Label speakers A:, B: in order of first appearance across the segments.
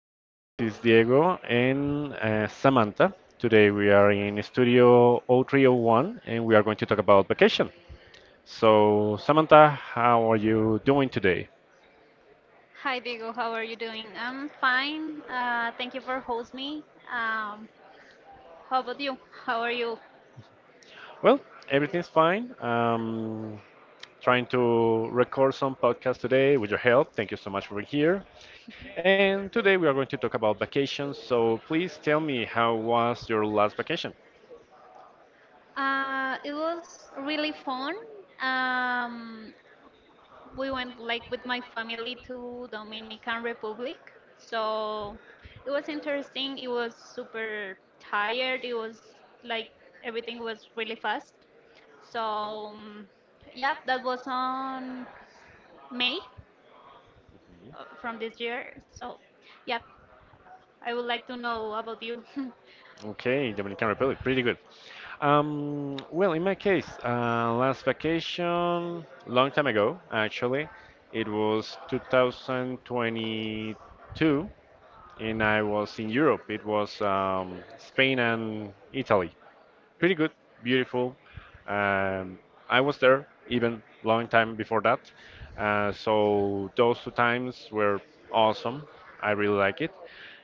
A: hello, this is Diego and Samantha. Today we are in Studio 0301 and we are going to talk about vacation. So, Samantha, how are you doing today?
B: Hi, Diego. How are you doing? I'm fine. Thank you for hosting me. Um, how about you? How are you?
A: Well, everything's fine. Trying to record some podcast today with your help. Thank you so much for being here. And today we are going to talk about vacations. So, please tell me, how was your last vacation?
B: It was really fun. Um, we went like with my family to Dominican Republic. So it was interesting. It was super tired. It was like everything was really fast. So um, yeah, that was on May from this year. So yeah, I would like to know about you.
A: Okay, Dominican Republic, pretty good. Well, in my case, last vacation, long time ago, actually, it was 2022, and I was in Europe. It was Spain and Italy, pretty good, beautiful. Um, I was there even long time before that, so those two times were awesome. I really like it,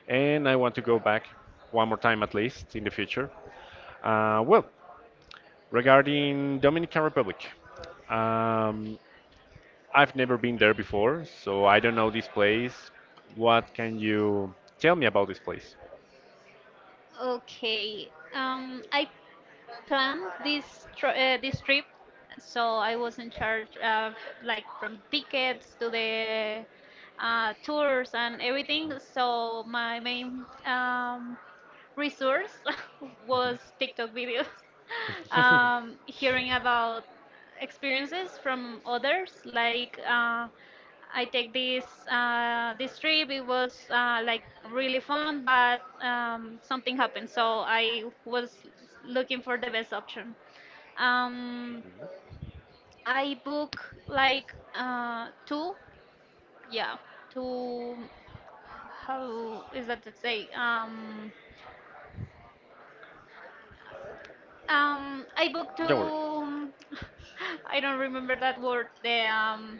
A: and I want to go back one more time at least in the future. Well, regarding Dominican Republic, um, I've never been there before, so I don't know this place. What can you tell me about this place?
B: Okay. I planned this trip, so I was in charge of like from tickets to the tours and everything. So my main resource was TikTok videos, hearing about experiences from others, like I take this trip. It was like really fun, but something happened, so I was looking for the best option. Um,
A: Mhm.
B: I book like two, yeah, two. How is that to say? I booked to. I don't remember that word. The um,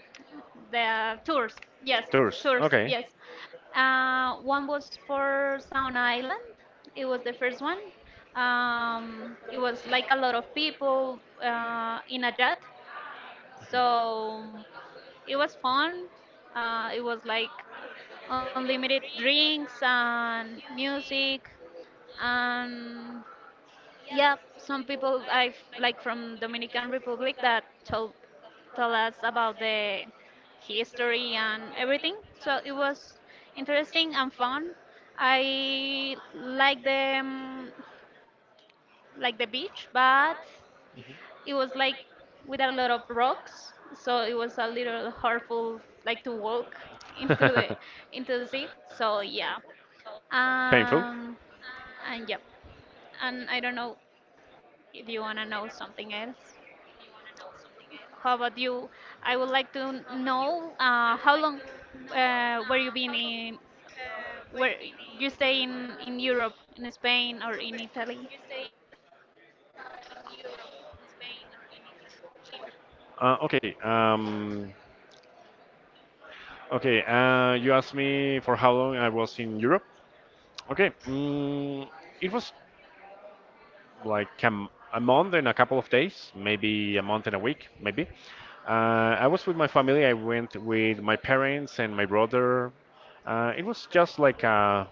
B: the tours. Yes, tours. Yes. One was for Sound Island. It was the first one. It was like a lot of people in a jet, so it was fun. It was like unlimited drinks and music and yeah, some people I've like from Dominican Republic that told tell us about the history and everything. So it was interesting and fun. I like the beach, but
A: Mhm. It.
B: it was like with a lot of rocks, so it was a little hurtful like to walk into the into the sea. So yeah, um, and yeah, and I don't know if you wanna know something else. How about you? I would like to know how long were you been in where you stay in Europe, in Spain or in Italy?
A: Okay. Okay. You asked me for how long I was in Europe. Okay. Mm, it was like a month and a couple of days, maybe a month and a week, maybe. Uh, I was with my family. I went with my parents and my brother. It was just like a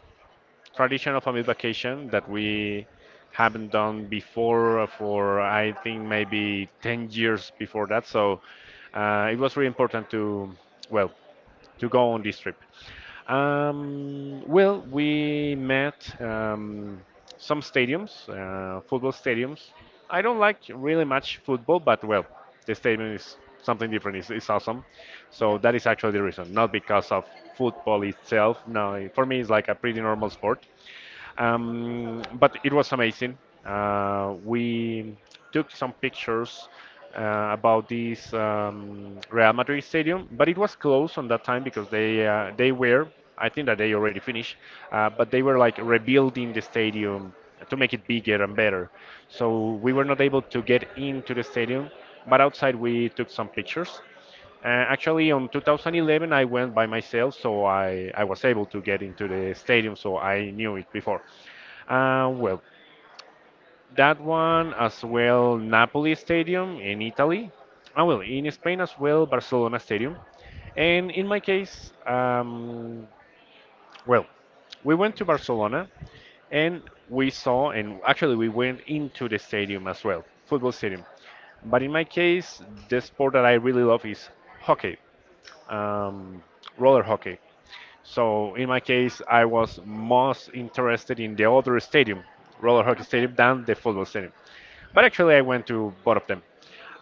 A: traditional family vacation that we haven't done before for, I think, maybe 10 years before that. So it was really important to, well, to go on this trip. Well, we met some stadiums, football stadiums. I don't like really much football, but well, the stadium is something different. It's awesome.
B: Yeah.
A: So that is actually the reason, not because of football itself. No, for me, it's like a pretty normal sport. But it was amazing. We took some pictures about this Real Madrid stadium, but it was closed on that time because I think that they already finished, but they were like rebuilding the stadium to make it bigger and better. So we were not able to get into the stadium, but outside we took some pictures. Actually, on 2011, I went by myself, so I was able to get into the stadium, so I knew it before. Well, that one as well, Napoli Stadium in Italy. Ah, well, in Spain as well, Barcelona Stadium. And in my case, well, we went to Barcelona and we saw, and actually, we went into the stadium as well, football stadium. But in my case, the sport that I really love is hockey, um, roller hockey. So in my case, I was most interested in the other stadium, roller hockey stadium, than the football stadium. But actually, I went to both of them.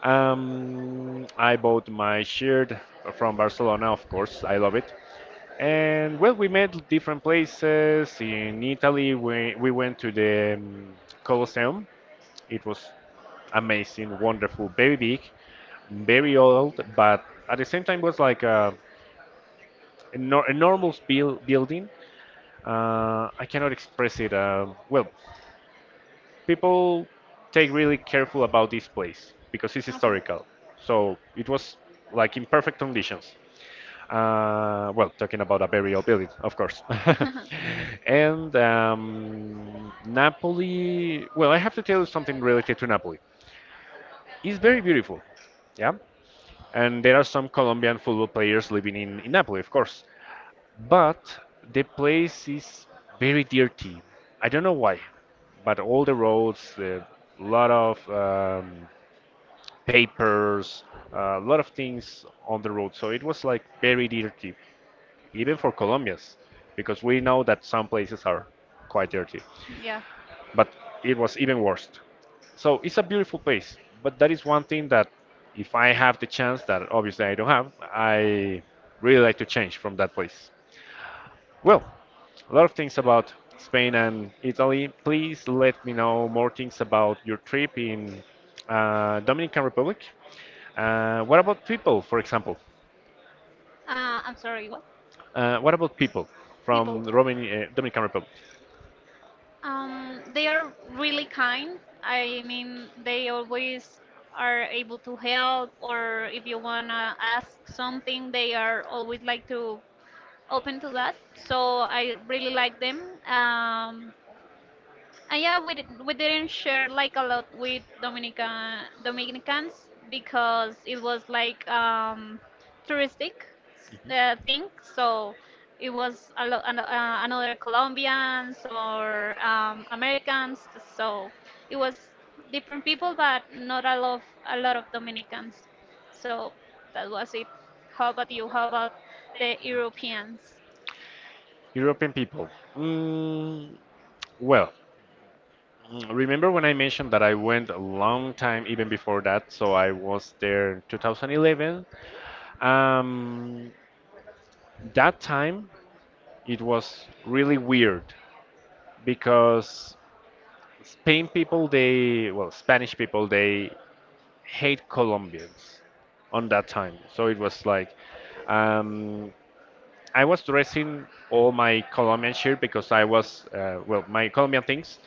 A: I bought my shirt from Barcelona, of course. I love it. And well, we met different places. In Italy, we went to the Colosseum. It was amazing, wonderful, very big, very old, but at the same time was like a a normal building, I cannot express it. Well, people take really careful about this place because it's
B: Okay. Okay.
A: historical. So it was like in perfect conditions. Well, talking about a burial building, of course. And Napoli, well, I have to tell you something related to Napoli. It's very beautiful, yeah. And there are some Colombian football players living in Napoli, of course. But the place is very dirty. I don't know why, but all the roads, a lot of papers, a lot of things on the road. So it was like very dirty, even for Colombians, because we know that some places are quite dirty.
B: Yeah.
A: But it was even worse. So it's a beautiful place, but that is one thing that, if I have the chance, that obviously I don't have, I really like to change from that place. Well, a lot of things about Spain and Italy. Please let me know more things about your trip in Dominican Republic. What about people, for example?
B: I'm sorry. What?
A: What about people from
B: People.
A: Dominican Republic?
B: They are really kind. I mean, they always are able to help, or if you wanna ask something, they are always like to open to that. So I really like them. Um, And yeah, we didn't share like a lot with Dominicans because it was like touristic thing. So it was a lot another Colombians or Americans. So it was different people, but not a lot of Dominicans. So that was it. How about you? How about the Europeans?
A: European people. Mm, well, mm, remember when I mentioned that I went a long time even before that, so I was there in 2011. Um, that time it was really weird because Spain people, they, well, Spanish people, they hate Colombians on that time. So it was like, um, I was dressing all my Colombian shirt because I was, well, my Colombian things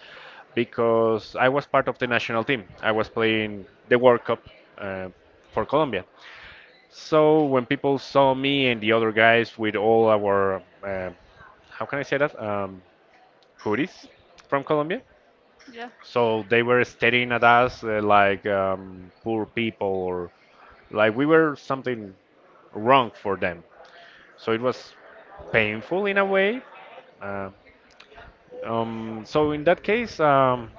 A: because I was part of the national team. I was playing the World Cup uh, for Colombia. So when people saw me and the other guys with all our, how can I say that? Tourists from Colombia.
B: Yeah.
A: So they were staring at us like poor people or like we were something wrong for them. So it was painful in a way. Uh, so in that case,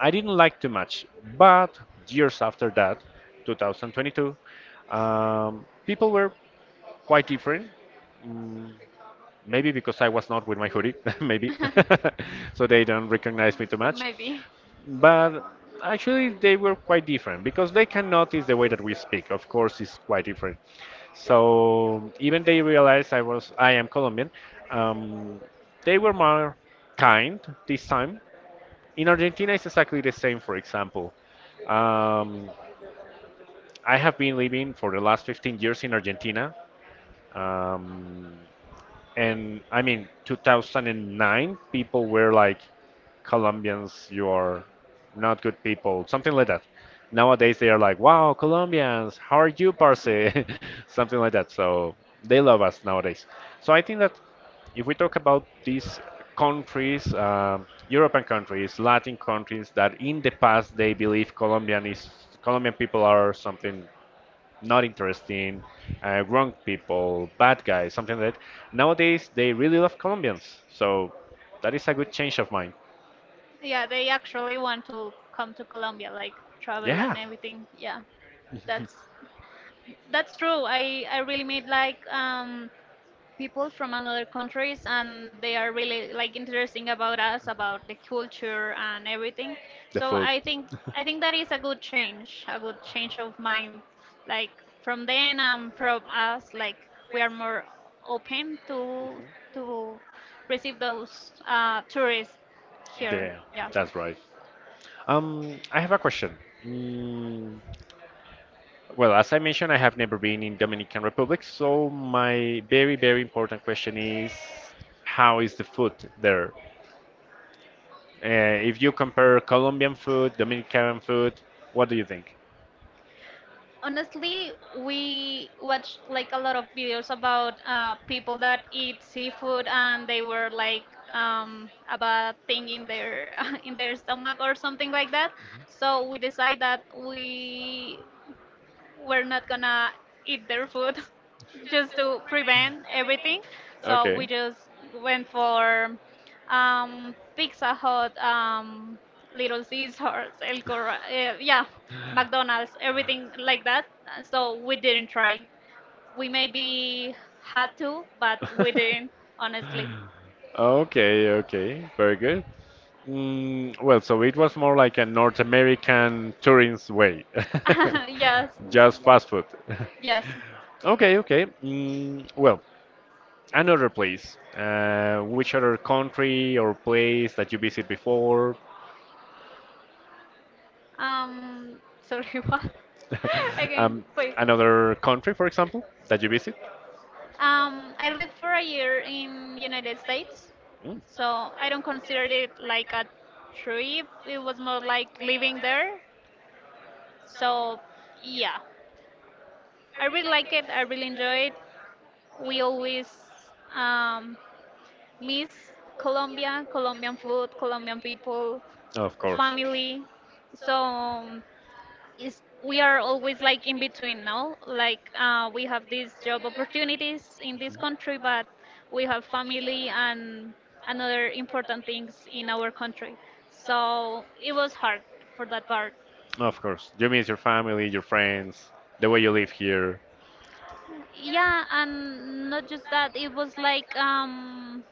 A: I didn't like too much. But years after that, 2022, people were quite different. Mm, maybe because I was not with my hoodie, maybe. So they don't recognize me too much.
B: Maybe.
A: But actually, they were quite different because they can notice the way that we speak. Of course, it's quite different. So even they realized I am Colombian. Um, they were more kind this time. In Argentina, it's exactly the same. For example, um, I have been living for the last 15 years in Argentina. Um, and I mean, 2009, people were like, Colombians, you are not good people, something like that. Nowadays they are like, wow, Colombians, how are you, parce, something like that. So they love us nowadays. So I think that if we talk about these countries, European countries, Latin countries, that in the past they believe Colombian people are something not interesting, wrong people, bad guys, something that nowadays they really love Colombians. So that is a good change of mind.
B: Yeah, they actually want to come to Colombia, like travel and
A: Yeah.
B: everything. Yeah, that's that's true. I really made like people from another countries and they are really like interesting about us about the culture and everything.
A: The
B: So
A: food.
B: I think that is a good change of mind, like from then and from us, like we are more open to receive those tourists here,
A: Yeah,
B: yeah.
A: that's right. I have a question. Mm, well, as I mentioned, I have never been in Dominican Republic, so my very, very important question is, how is the food there? Uh, if you compare Colombian food, Dominican food, what do you think?
B: Honestly, we watched like a lot of videos about people that eat seafood and they were like a bad thing in their in their stomach or something like that, so we decided that we're not gonna eat their food just to prevent everything. So we
A: Okay.
B: just went for Pizza Hut, Little Caesars, yeah, McDonald's, everything like that. Uh, So we didn't try. We maybe had to, but we
A: Be.
B: didn't, honestly.
A: Okay, okay, very good. Mm, well, so it was more like a North American tourist way. Yes,
B: Yes,
A: just fast food. Yes.
B: yes.
A: Okay, okay. Mm, well, another place. Which other country or place that you visit before?
B: Sorry, what? Again,
A: Wait,
B: please.
A: another country, for example, that you visit?
B: I lived for a year in United States,
A: Mm.
B: so I don't consider it like a trip. It was more like living there. So yeah, I really like it. I really enjoy it. We always um, miss Colombia, Colombian food, Colombian people,
A: Of course.
B: family. So is we are always like in between now, like we have these job opportunities in this country but we have family and another important things in our country, so it was hard for that part,
A: Of course. You miss your family, your friends, the way you live here.
B: yeah. And not just that, it was like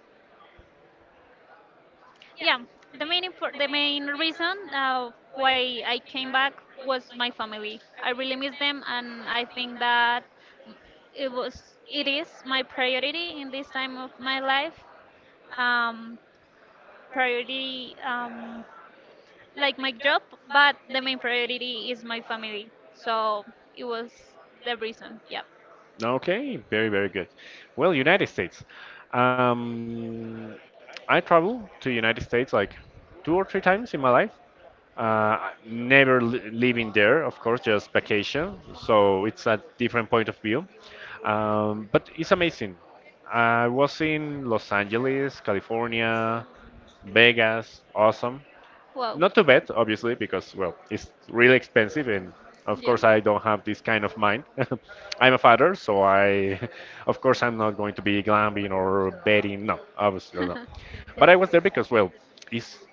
B: yeah, the the main reason why I came back was my family, I really miss them, and I think that it is my priority in this time of my life, um, priority like my job, but the main priority is my family, so it was the reason, yeah.
A: Okay, very, very good. Well, United States. Um, I travel to United States like two or three times in my life. Never li living there, of course, just vacation. So it's a different point of view. But it's amazing. I was in Los Angeles, California, Vegas, awesome.
B: Well,
A: Not too bad, obviously, because, well, it's really expensive, and of
B: yeah.
A: course, I don't have this kind of mind. I'm a father, so I, of course, I'm not going to be glamping or betting. No, obviously not. But I was there because, well, it's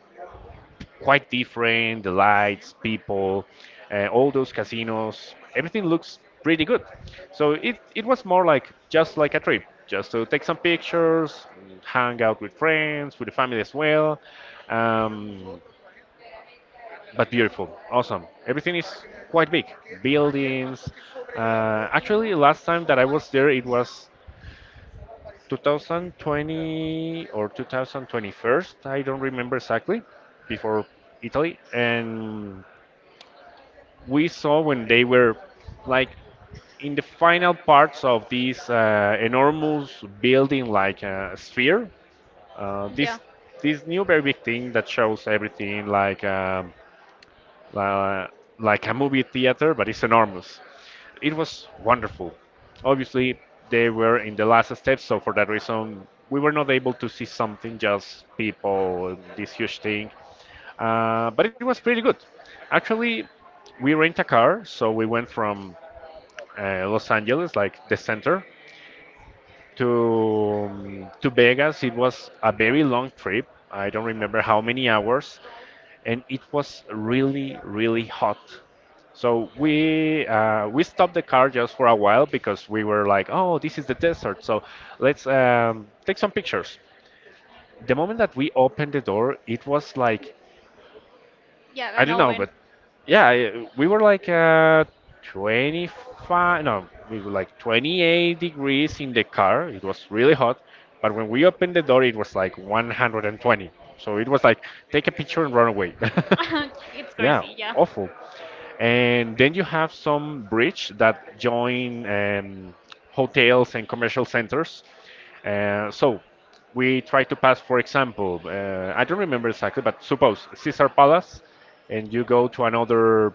A: quite different, the lights, people, all those casinos, everything looks pretty good. So it was more like just like a trip, just to take some pictures, hang out with friends, with the family as well. Um, but beautiful, awesome. Everything is quite big, buildings. Actually, last time that I was there, it was 2020 or 2021. I don't remember exactly. Before Italy, and we saw when they were like in the final parts of this enormous building, like a sphere. Uh, this
B: Yeah,
A: this new very big thing that shows everything, like. Li- like a movie theater, but it's enormous. It was wonderful. Obviously, they were in the last step, so for that reason, we were not able to see something, just people, this huge thing. But it was pretty good. Actually, we rent a car, so we went from Los Angeles, like the center, to Vegas. It was a very long trip. I don't remember how many hours, and it was really really hot. So we stopped the car just for a while because we were like, oh, this is the desert, so let's take some pictures. The moment that we opened the door, it was like,
B: yeah,
A: I
B: and
A: don't know,
B: oven.
A: but yeah, we were like 25, no, we were like 28 degrees in the car. It was really hot, but when we opened the door, it was like 120. So it was like, take a picture and run away.
B: It's
A: Yeah,
B: crazy, yeah.
A: awful. And then you have some bridge that join hotels and commercial centers. So we try to pass, for example, I don't remember exactly, but suppose Caesar Palace, and you go to another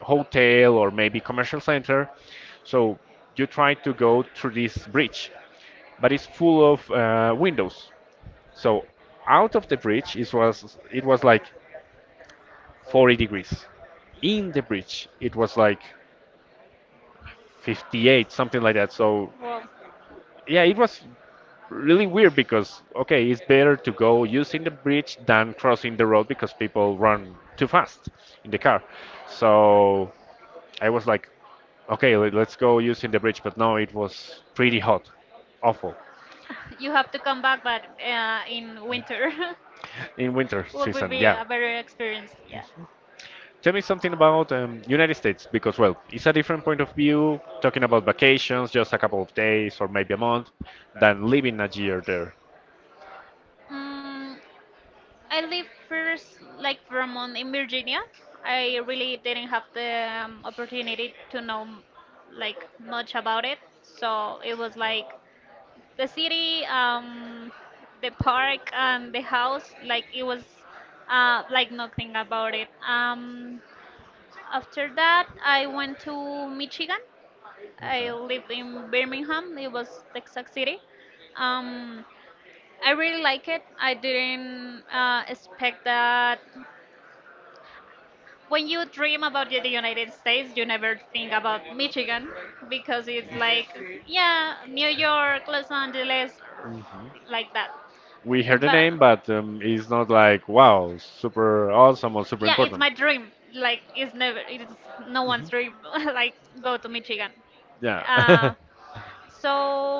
A: hotel or maybe commercial center. So you try to go through this bridge, but it's full of windows. So out of the bridge, it was like 40 degrees. In the bridge, it was like 58, something like that. So,
B: Well,
A: yeah, it was really weird because, okay, it's better to go using the bridge than crossing the road because people run too fast in the car. So, I was like, okay, let's go using the bridge. But no, it was pretty hot, awful
B: you have to come back, but in winter
A: in winter
B: will be
A: season. Yeah.
B: yeah, a better experience. Yeah.
A: Tell me something about United States because, well, it's a different point of view talking about vacations, just a couple of days or maybe a month, than living a year there.
B: Mm, I live first like for a month in Virginia. I really didn't have the opportunity to know like much about it, so it was like the city, the park, and the house. Like it was like nothing about it. After that, I went to Michigan. I lived in Birmingham. It was Texas City. Um, I really like it. I didn't expect that. When you dream about the United States, you never think about Michigan because it's like, yeah, New York, Los Angeles,
A: Mhm.
B: like that.
A: We heard the
B: But
A: name, but it's not like wow, super awesome or super
B: yeah, it's
A: important.
B: my dream. Like it's never, it's no one's
A: Mhm.
B: dream. Like go to Michigan.
A: Yeah.
B: Uh, so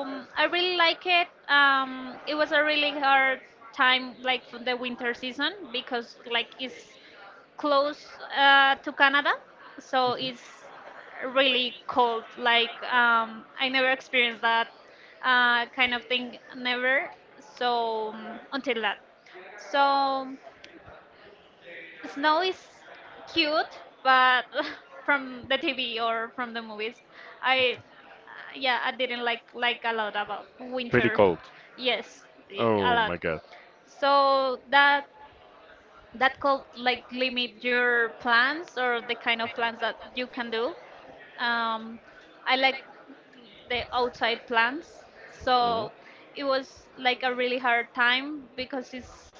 B: I really like it. It was a really hard time, like for the winter season, because like it's close to Canada, so it's really cold. Like I never experienced that kind of thing, never. Until that, so. Snow is cute, but from the TV or from the movies, I yeah, I didn't like a lot about
A: Pretty
B: winter.
A: cold.
B: Yes,
A: Oh,
B: a
A: oh my
B: lot.
A: lot. God.
B: So that could like limit your plans or the kind of plans that you can do. Um, I like the outside plans. So it was like a really hard time because it's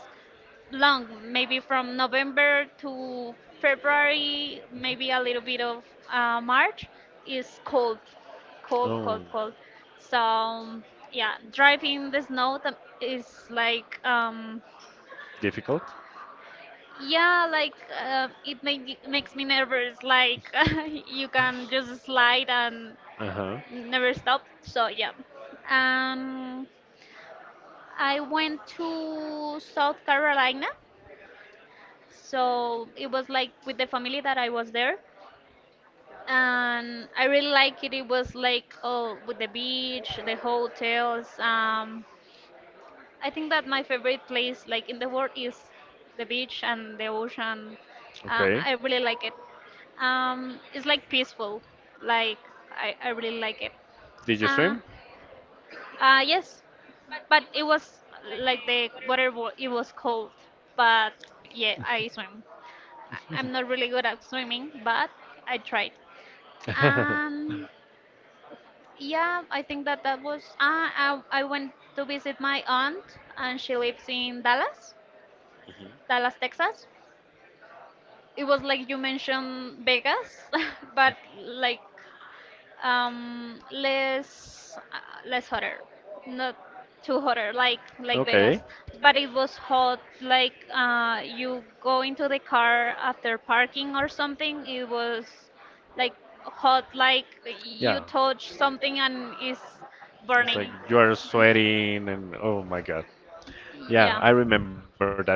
B: long, maybe from November to February, maybe a little bit of March, is cold, cold,
A: Oh,
B: cold, cold. So yeah, driving the snow is like
A: difficult?
B: yeah, like makes me nervous. Like you can just slide and never stop. So yeah, um, I went to South Carolina, so it was like with the family that I was there, and I really like it. It was like oh, with the beach, the hotels. I think that my favorite place like in the world is the beach and the ocean.
A: Okay.
B: I really like it. It's like peaceful. Like I really like it.
A: Did you
B: Uh,
A: swim?
B: yes, but it was like the water. It was cold, but yeah, I swim. I'm not really good at swimming, but I tried. Um, yeah, I think that that was. I went to visit my aunt, and she lives in Dallas,
A: Mhm.
B: Dallas, Texas. It was like you mentioned Vegas, but like less hotter, not too hotter like Vegas, but it was hot, like you go into the car after parking or something, it was like hot, like you touch something and it's
A: Burning.
B: burning,
A: You are sweating and oh my God. Yeah,
B: yeah.
A: I remember that experience.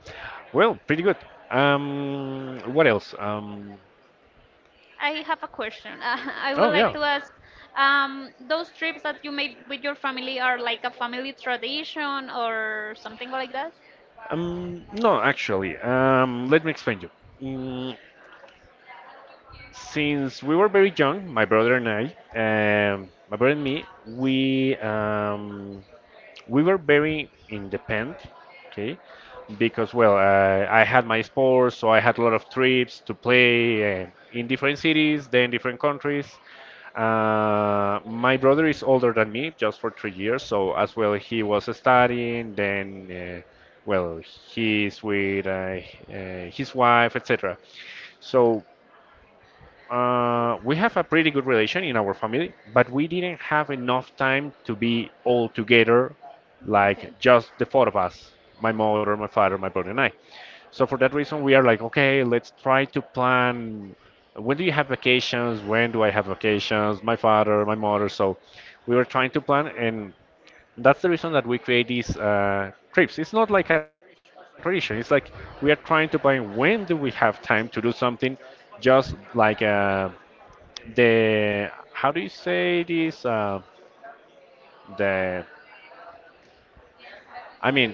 A: Well, pretty good. What else?
B: I have a question. I
A: Oh
B: would
A: yeah.
B: like to ask, those trips that you made with your family are like a family tradition or something like that?
A: No, actually, let me explain you. Mm, since we were very young, my brother and I, my brother and me, we we were very independent, okay? Because, well, I had my sports, so I had a lot of trips to play in different cities, then different countries. My brother is older than me, just for 3 years, so as well he was studying, then, well, he's with his wife, etc. So we have a pretty good relation in our family, but we didn't have enough time to be all together, like
B: Okay.
A: just the four of us, my mother, my father, my brother, and I. So for that reason, we are like, okay, let's try to plan. When do you have vacations? When do I have vacations? My father, my mother. So we were trying to plan, and that's the reason that we create these trips. It's not like a tradition. It's like we are trying to plan when do we have time to do something, just like. The how do you say this, the I mean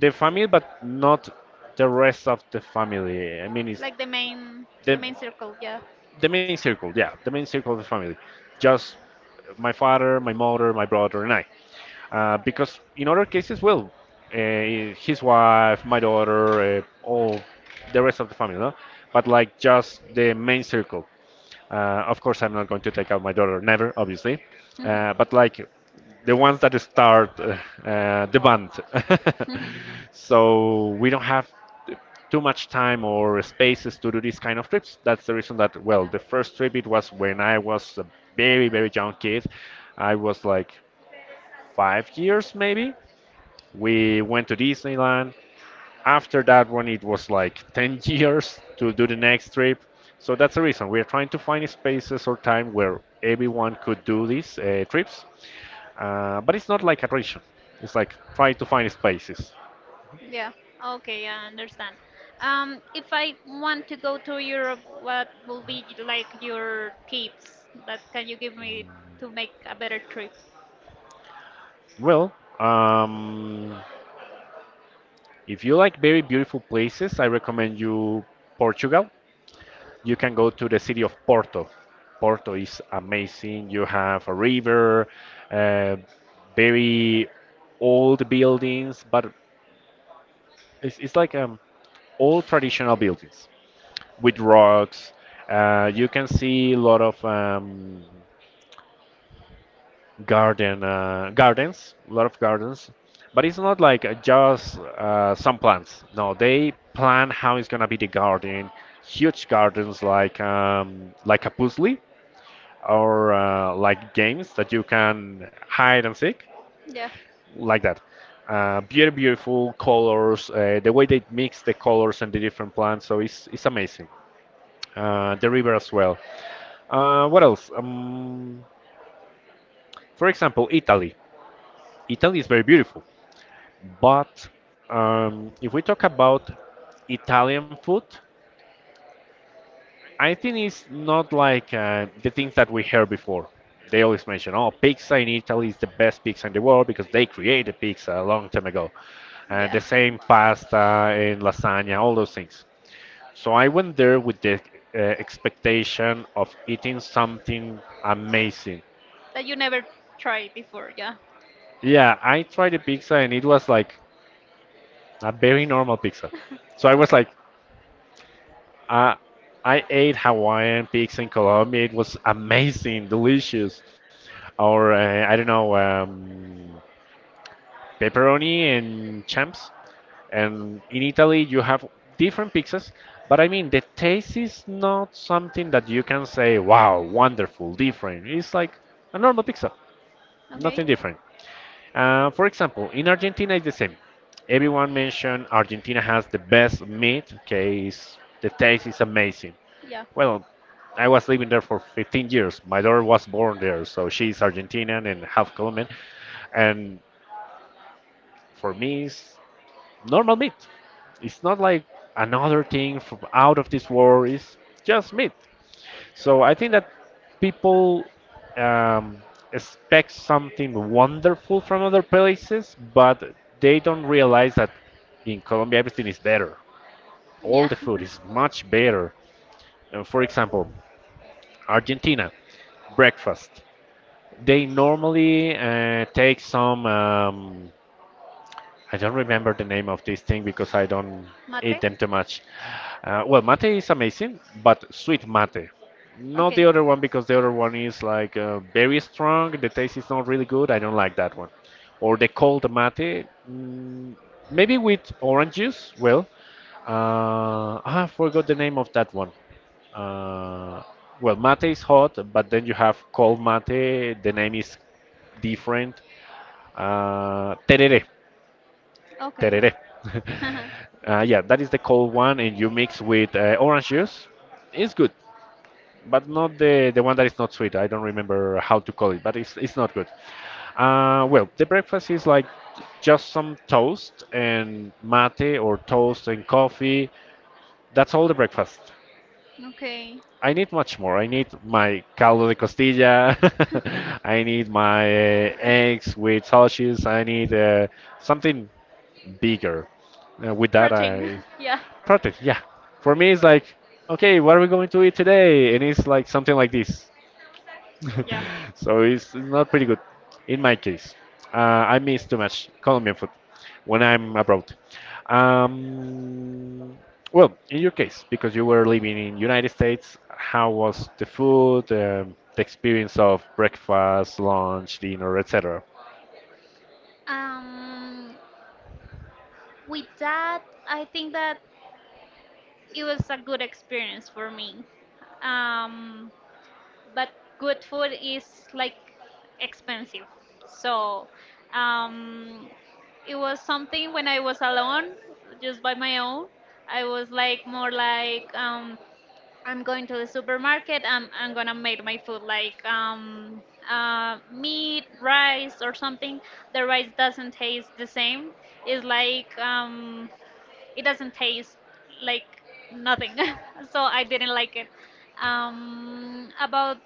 A: the family but not the rest of the family, I mean it's
B: Like the
A: the
B: main circle, yeah.
A: the main circle, yeah, the main circle of the family. Just my father, my mother, my brother, and I. Because in other cases, well, uh, his wife, my daughter, all the rest of the family, no? But like just the main circle. Of course, I'm not going to take out my daughter, never, obviously. But like the ones that start the band. So we don't have too much time or spaces to do these kind of trips. That's the reason that well, the first trip it was when I was a very very young kid. I was like 5 years maybe. We went to Disneyland. After that one, it was like 10 years to do the next trip. So that's the reason we are trying to find spaces or time where everyone could do these trips. But it's not like a tradition. It's like try to find spaces.
B: Yeah. Okay, I understand. If I want to go to Europe, what will be like your tips that can you give me to make a better trip?
A: Well, um, if you like very beautiful places, I recommend you Portugal. You can go to the city of Porto. Porto is amazing. You have a river, uh, very old buildings, but it's like old traditional buildings with rocks. You can see a lot of gardens, a lot of gardens, but it's not like just some plants. No, they plan how it's gonna be the garden, huge gardens like a puzzle or like games that you can hide and seek,
B: Yeah.
A: like that. Beautiful, beautiful colors. The way they mix the colors and the different plants, so it's amazing. The river as well. What else? For example, Italy. Italy is very beautiful. But if we talk about Italian food, I think it's not like the things that we heard before. They always mention, oh, pizza in Italy is the best pizza in the world because they created pizza a long time ago. The
B: Yeah.
A: same pasta and lasagna, all those things. So I went there with the expectation of eating something amazing.
B: That you never tried before, yeah.
A: Yeah, I tried the pizza and it was like a very normal pizza. So I was
B: Okay.
A: like, I I ate Hawaiian pigs in Colombia. It was amazing, delicious. Or I don't know, pepperoni and champs. And in Italy, you have different pizzas, but I mean, the taste is not something that you can say, wow, wonderful, different. It's like a normal pizza,
B: Okay.
A: nothing different. For example, in Argentina, it's the same. Everyone mentioned Argentina has the best meat. Okay, it's, the taste is amazing.
B: Yeah.
A: Well, I was living there for 15 years. My daughter was born there, so she's Argentinian and half Colombian. And for me, it's normal meat. It's not like another thing from out of this world. It's just meat. So I think that people um, expect something wonderful from other places, but they don't realize that in Colombia everything is better. All
B: Yeah.
A: the food is much better. For example, Argentina breakfast. They normally take some I don't remember the name of this thing because I don't eat
B: Mate?
A: them too much. Well, mate is amazing, but sweet mate. Not the
B: Okay.
A: other one because the other one is like very strong. The taste is not really good. I don't like that one. Or the cold mate, maybe with orange juice. Well, I forgot the name of that one. Uh, well, mate is hot, but then you have cold mate. The name is different. Tereré
B: Okay.
A: tereré. Yeah, that is the cold one, and you mix with orange juice. It's good, but not the one that is not sweet. I don't remember how to call it, but it's not good. Well, the breakfast is like just some toast and mate or toast and coffee. That's all the breakfast.
B: Okay.
A: I need much more. I need my caldo de costilla. I need my
B: Yeah.
A: eggs with sausages. I need something bigger. And with that,
B: Protein.
A: I
B: Yeah.
A: project. Yeah, for me, it's like, okay, what are we going to eat today? And it's like something like this.
B: Yeah.
A: So it's not pretty good. In my case, uh, I miss too much Colombian food when I'm abroad. Um, well, in your case, because you were living in United States, how was the food, the experience of breakfast, lunch, dinner, etc.?
B: Um, with that, I think that it was a good experience for me. Um, but good food is like expensive. So um, it was something when I was alone, just by my own. I was like more like I'm going to the supermarket. I'm gonna make my food like meat, rice, or something. The rice doesn't taste the same. It's like it doesn't taste like nothing. So I didn't like it. About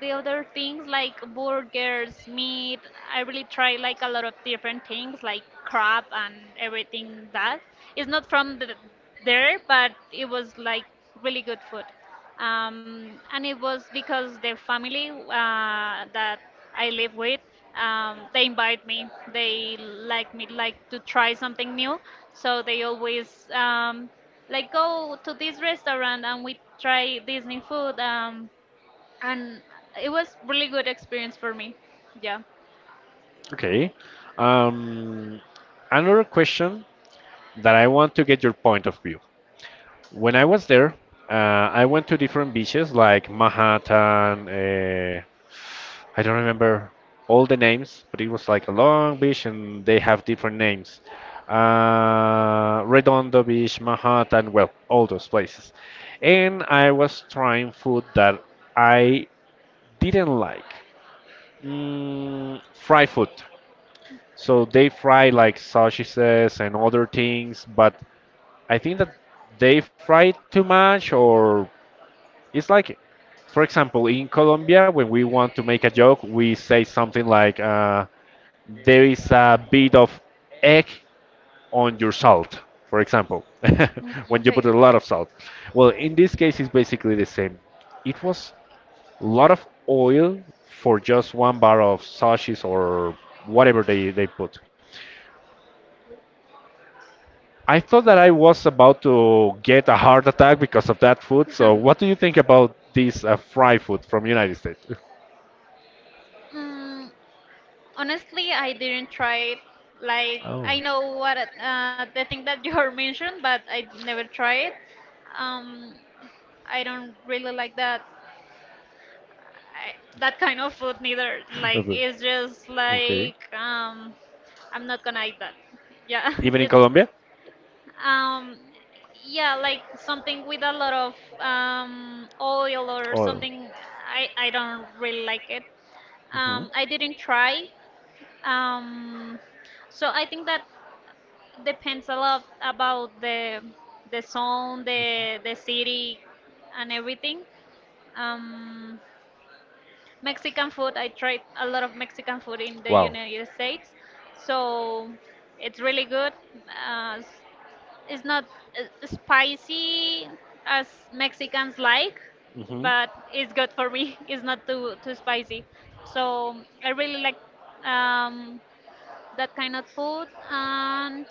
B: the other things like burgers, meat. I really try like a lot of different things like crab and everything that. It's not there, but it was like really good food. And it was because the family that I live with, they invite me. They like me like to try something new, so they always like go to this restaurant and we try this new food. And it was really good experience for me. Yeah.
A: Okay. Um, another question that I want to get your point of view. When I was there, I went to different beaches like Manhattan. I don't remember all the names, but it was like a long beach and they have different names. Redondo Beach, Manhattan, well, all those places. And I was trying food that I didn't like. Mm, fry food. So they fry like sausages and other things, but I think that they fry it too much, or it's like, for example, in Colombia, when we want to make a joke, we say something like, "There is a bit of egg on your salt," for example,
B: Mm.
A: when you put a
B: Okay.
A: lot of salt. Well, in this case, it's basically the same. It was a lot of oil for just one bar of sausages or whatever they put. I thought that I was about to get a heart attack because of that food. So, what do you think about this fry food from United States?
B: Mm, Honestly, I didn't try it. Like I know what the thing that you are mentioned, but I never try it. Um, I don't really like I, that kind of food neither. Like
A: Of it.
B: it's just
A: Okay.
B: like I'm not gonna eat that. Yeah,
A: Even in
B: it,
A: Colombia?
B: um, yeah, like something with a lot of oil or
A: Oil.
B: something. I don't really like it.
A: Hmm.
B: I didn't try. Um, so I think that depends a lot about the zone, the city, and everything. Um, Mexican food. I tried a lot of Mexican food in the
A: Wow.
B: United States, so it's really good. Uh, s- it's not spicy as Mexicans like, but it's good for me. It's not too spicy, so I really like um, that kind of food, and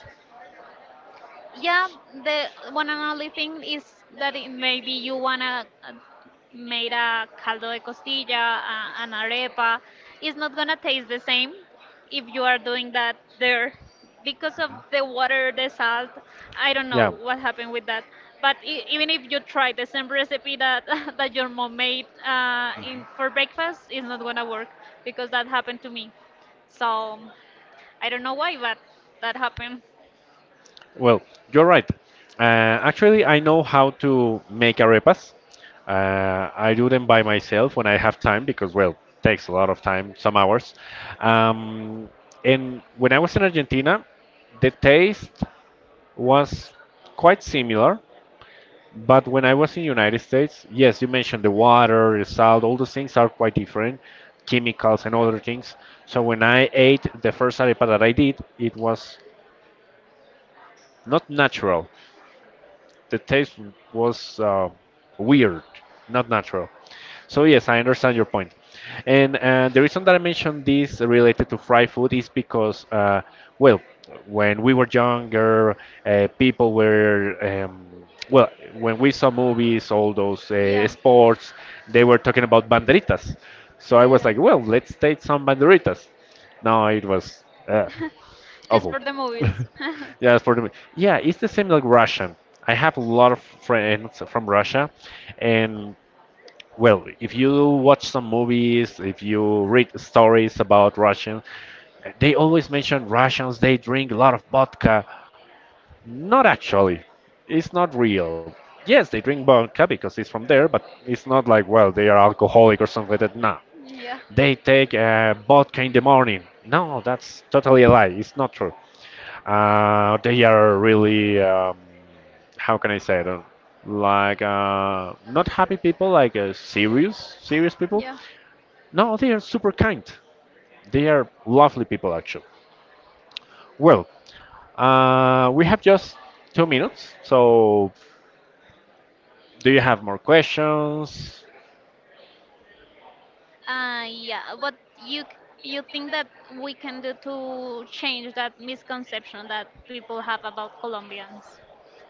B: yeah, the one and only thing is that it maybe you wanna made a caldo de costilla an arepa, it's not gonna taste the same if you are doing that there, because of the water, the salt, I don't know what happened with that, but even if you try the same recipe that that your mom made in for breakfast, it's not gonna work, because that happened to me, so I don't know why, but that happened.
A: Well, you're right. Uh, actually, I know how to make arepas. I do them by myself when I have time because, well, takes a lot of time, some hours. Um, and when I was in Argentina, the taste was quite similar. But when I was in United States, yes, you mentioned the water, the salt, all those things are quite different, chemicals and other things. So when I ate the first arepa that I did, it was not natural. The taste was weird, not natural. So yes, I understand your point. And the reason that I mentioned this related to fried food is because, well, when we were younger, people were, well, when we saw movies, all those
B: Yeah.
A: sports, they were talking about banderitas. So I
B: Yeah,
A: was like, well, let's take some banderitas. No, it was
B: yeah. Just for
A: awful.
B: the movies.
A: Yeah, for the yeah, it's the same like Russian. I have a lot of friends from Russia, and well, if you watch some movies, if you read stories about Russian, they always mention Russians. They drink a lot of vodka. Not actually. It's not real. Yes, they drink vodka because it's from there, but it's not like well they are alcoholic or something like that. No,
B: Yeah,
A: they take vodka in the morning. No, that's totally a lie. It's not true. They are really, how can I say it? Like, not happy people, like serious, serious people.
B: yeah.
A: No, they are super kind. They are lovely people, actually. Well, we have just 2 minutes, so do you have more questions?
B: Yeah. What you think that we can do to change that misconception that people have about Colombians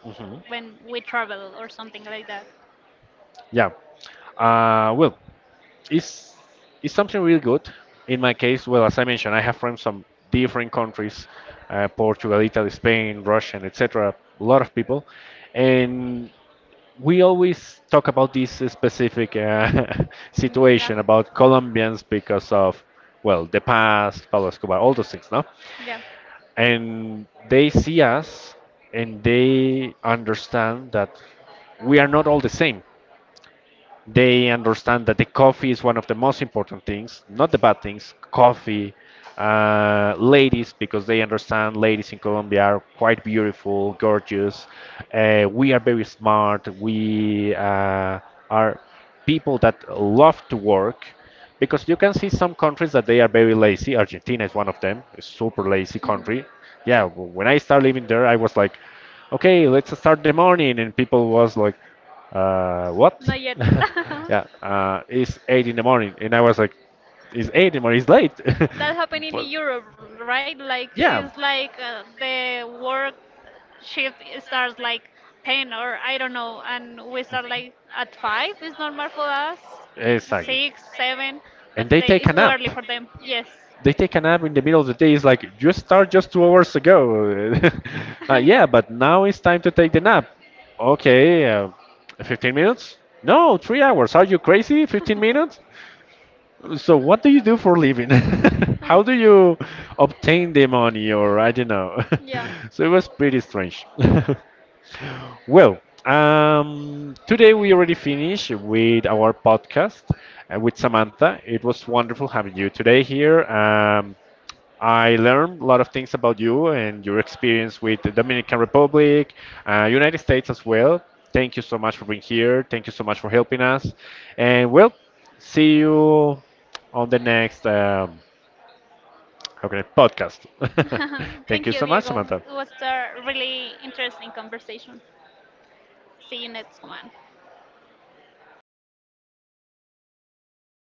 A: Hmm.
B: when we travel or something like that?
A: Yeah. Well, it's it's something really good. In my case, well, as I mentioned, I have friends from different countries, Portugal, Italy, Spain, Russian, etc. A lot of people, and we always talk about this specific
B: Mm.
A: situation
B: Yeah,
A: about Colombians because of well the past, Pablo Escobar, all those things, no?
B: yeah.
A: And they see us, and they understand that we are not all the same, they understand that the coffee is one of the most important things, not the bad things. Coffee, ladies, because they understand ladies in Colombia are quite beautiful, gorgeous. We are very smart. We are people that love to work because you can see some countries that they are very lazy. Argentina is one of them, a super lazy country. Yeah,
B: Yeah.
A: when I started living there, I was like, okay, let's start the morning, and people was like, what?
B: Not yet.
A: Yeah, it's eight in the morning, and I was like, it's eight in the morning, it's late.
B: That happened in
A: But
B: Europe, right? Like
A: yeah,
B: it's like the work shift starts like 10, or I don't know, and we start like at 5. It's normal for us,
A: exactly.
B: 6, 7, but
A: And they
B: they,
A: take
B: it's
A: a
B: too
A: nap.
B: early for them. Yes.
A: They take a nap in the middle of the day. It's like you start just 2 hours ago. Yeah,
B: Yeah.
A: but now it's time to take the nap. Okay, 15 minutes? No, 3 hours. Are you crazy? 15 minutes? So what do you do for a living? How do you obtain the money or I don't know.
B: Yeah.
A: So it was pretty strange. Well, today we already finished with our podcast with Samantha. It was wonderful having you today here. I learned a lot of things about you and your experience with the Dominican Republic, United States as well. Thank you so much for being here. Thank you so much for helping us. And we'll see you on the next how can I, podcast. Thank you
B: Thank
A: so
B: you,
A: much,
B: Diego.
A: Samantha.
B: It was a really interesting conversation. See you next one.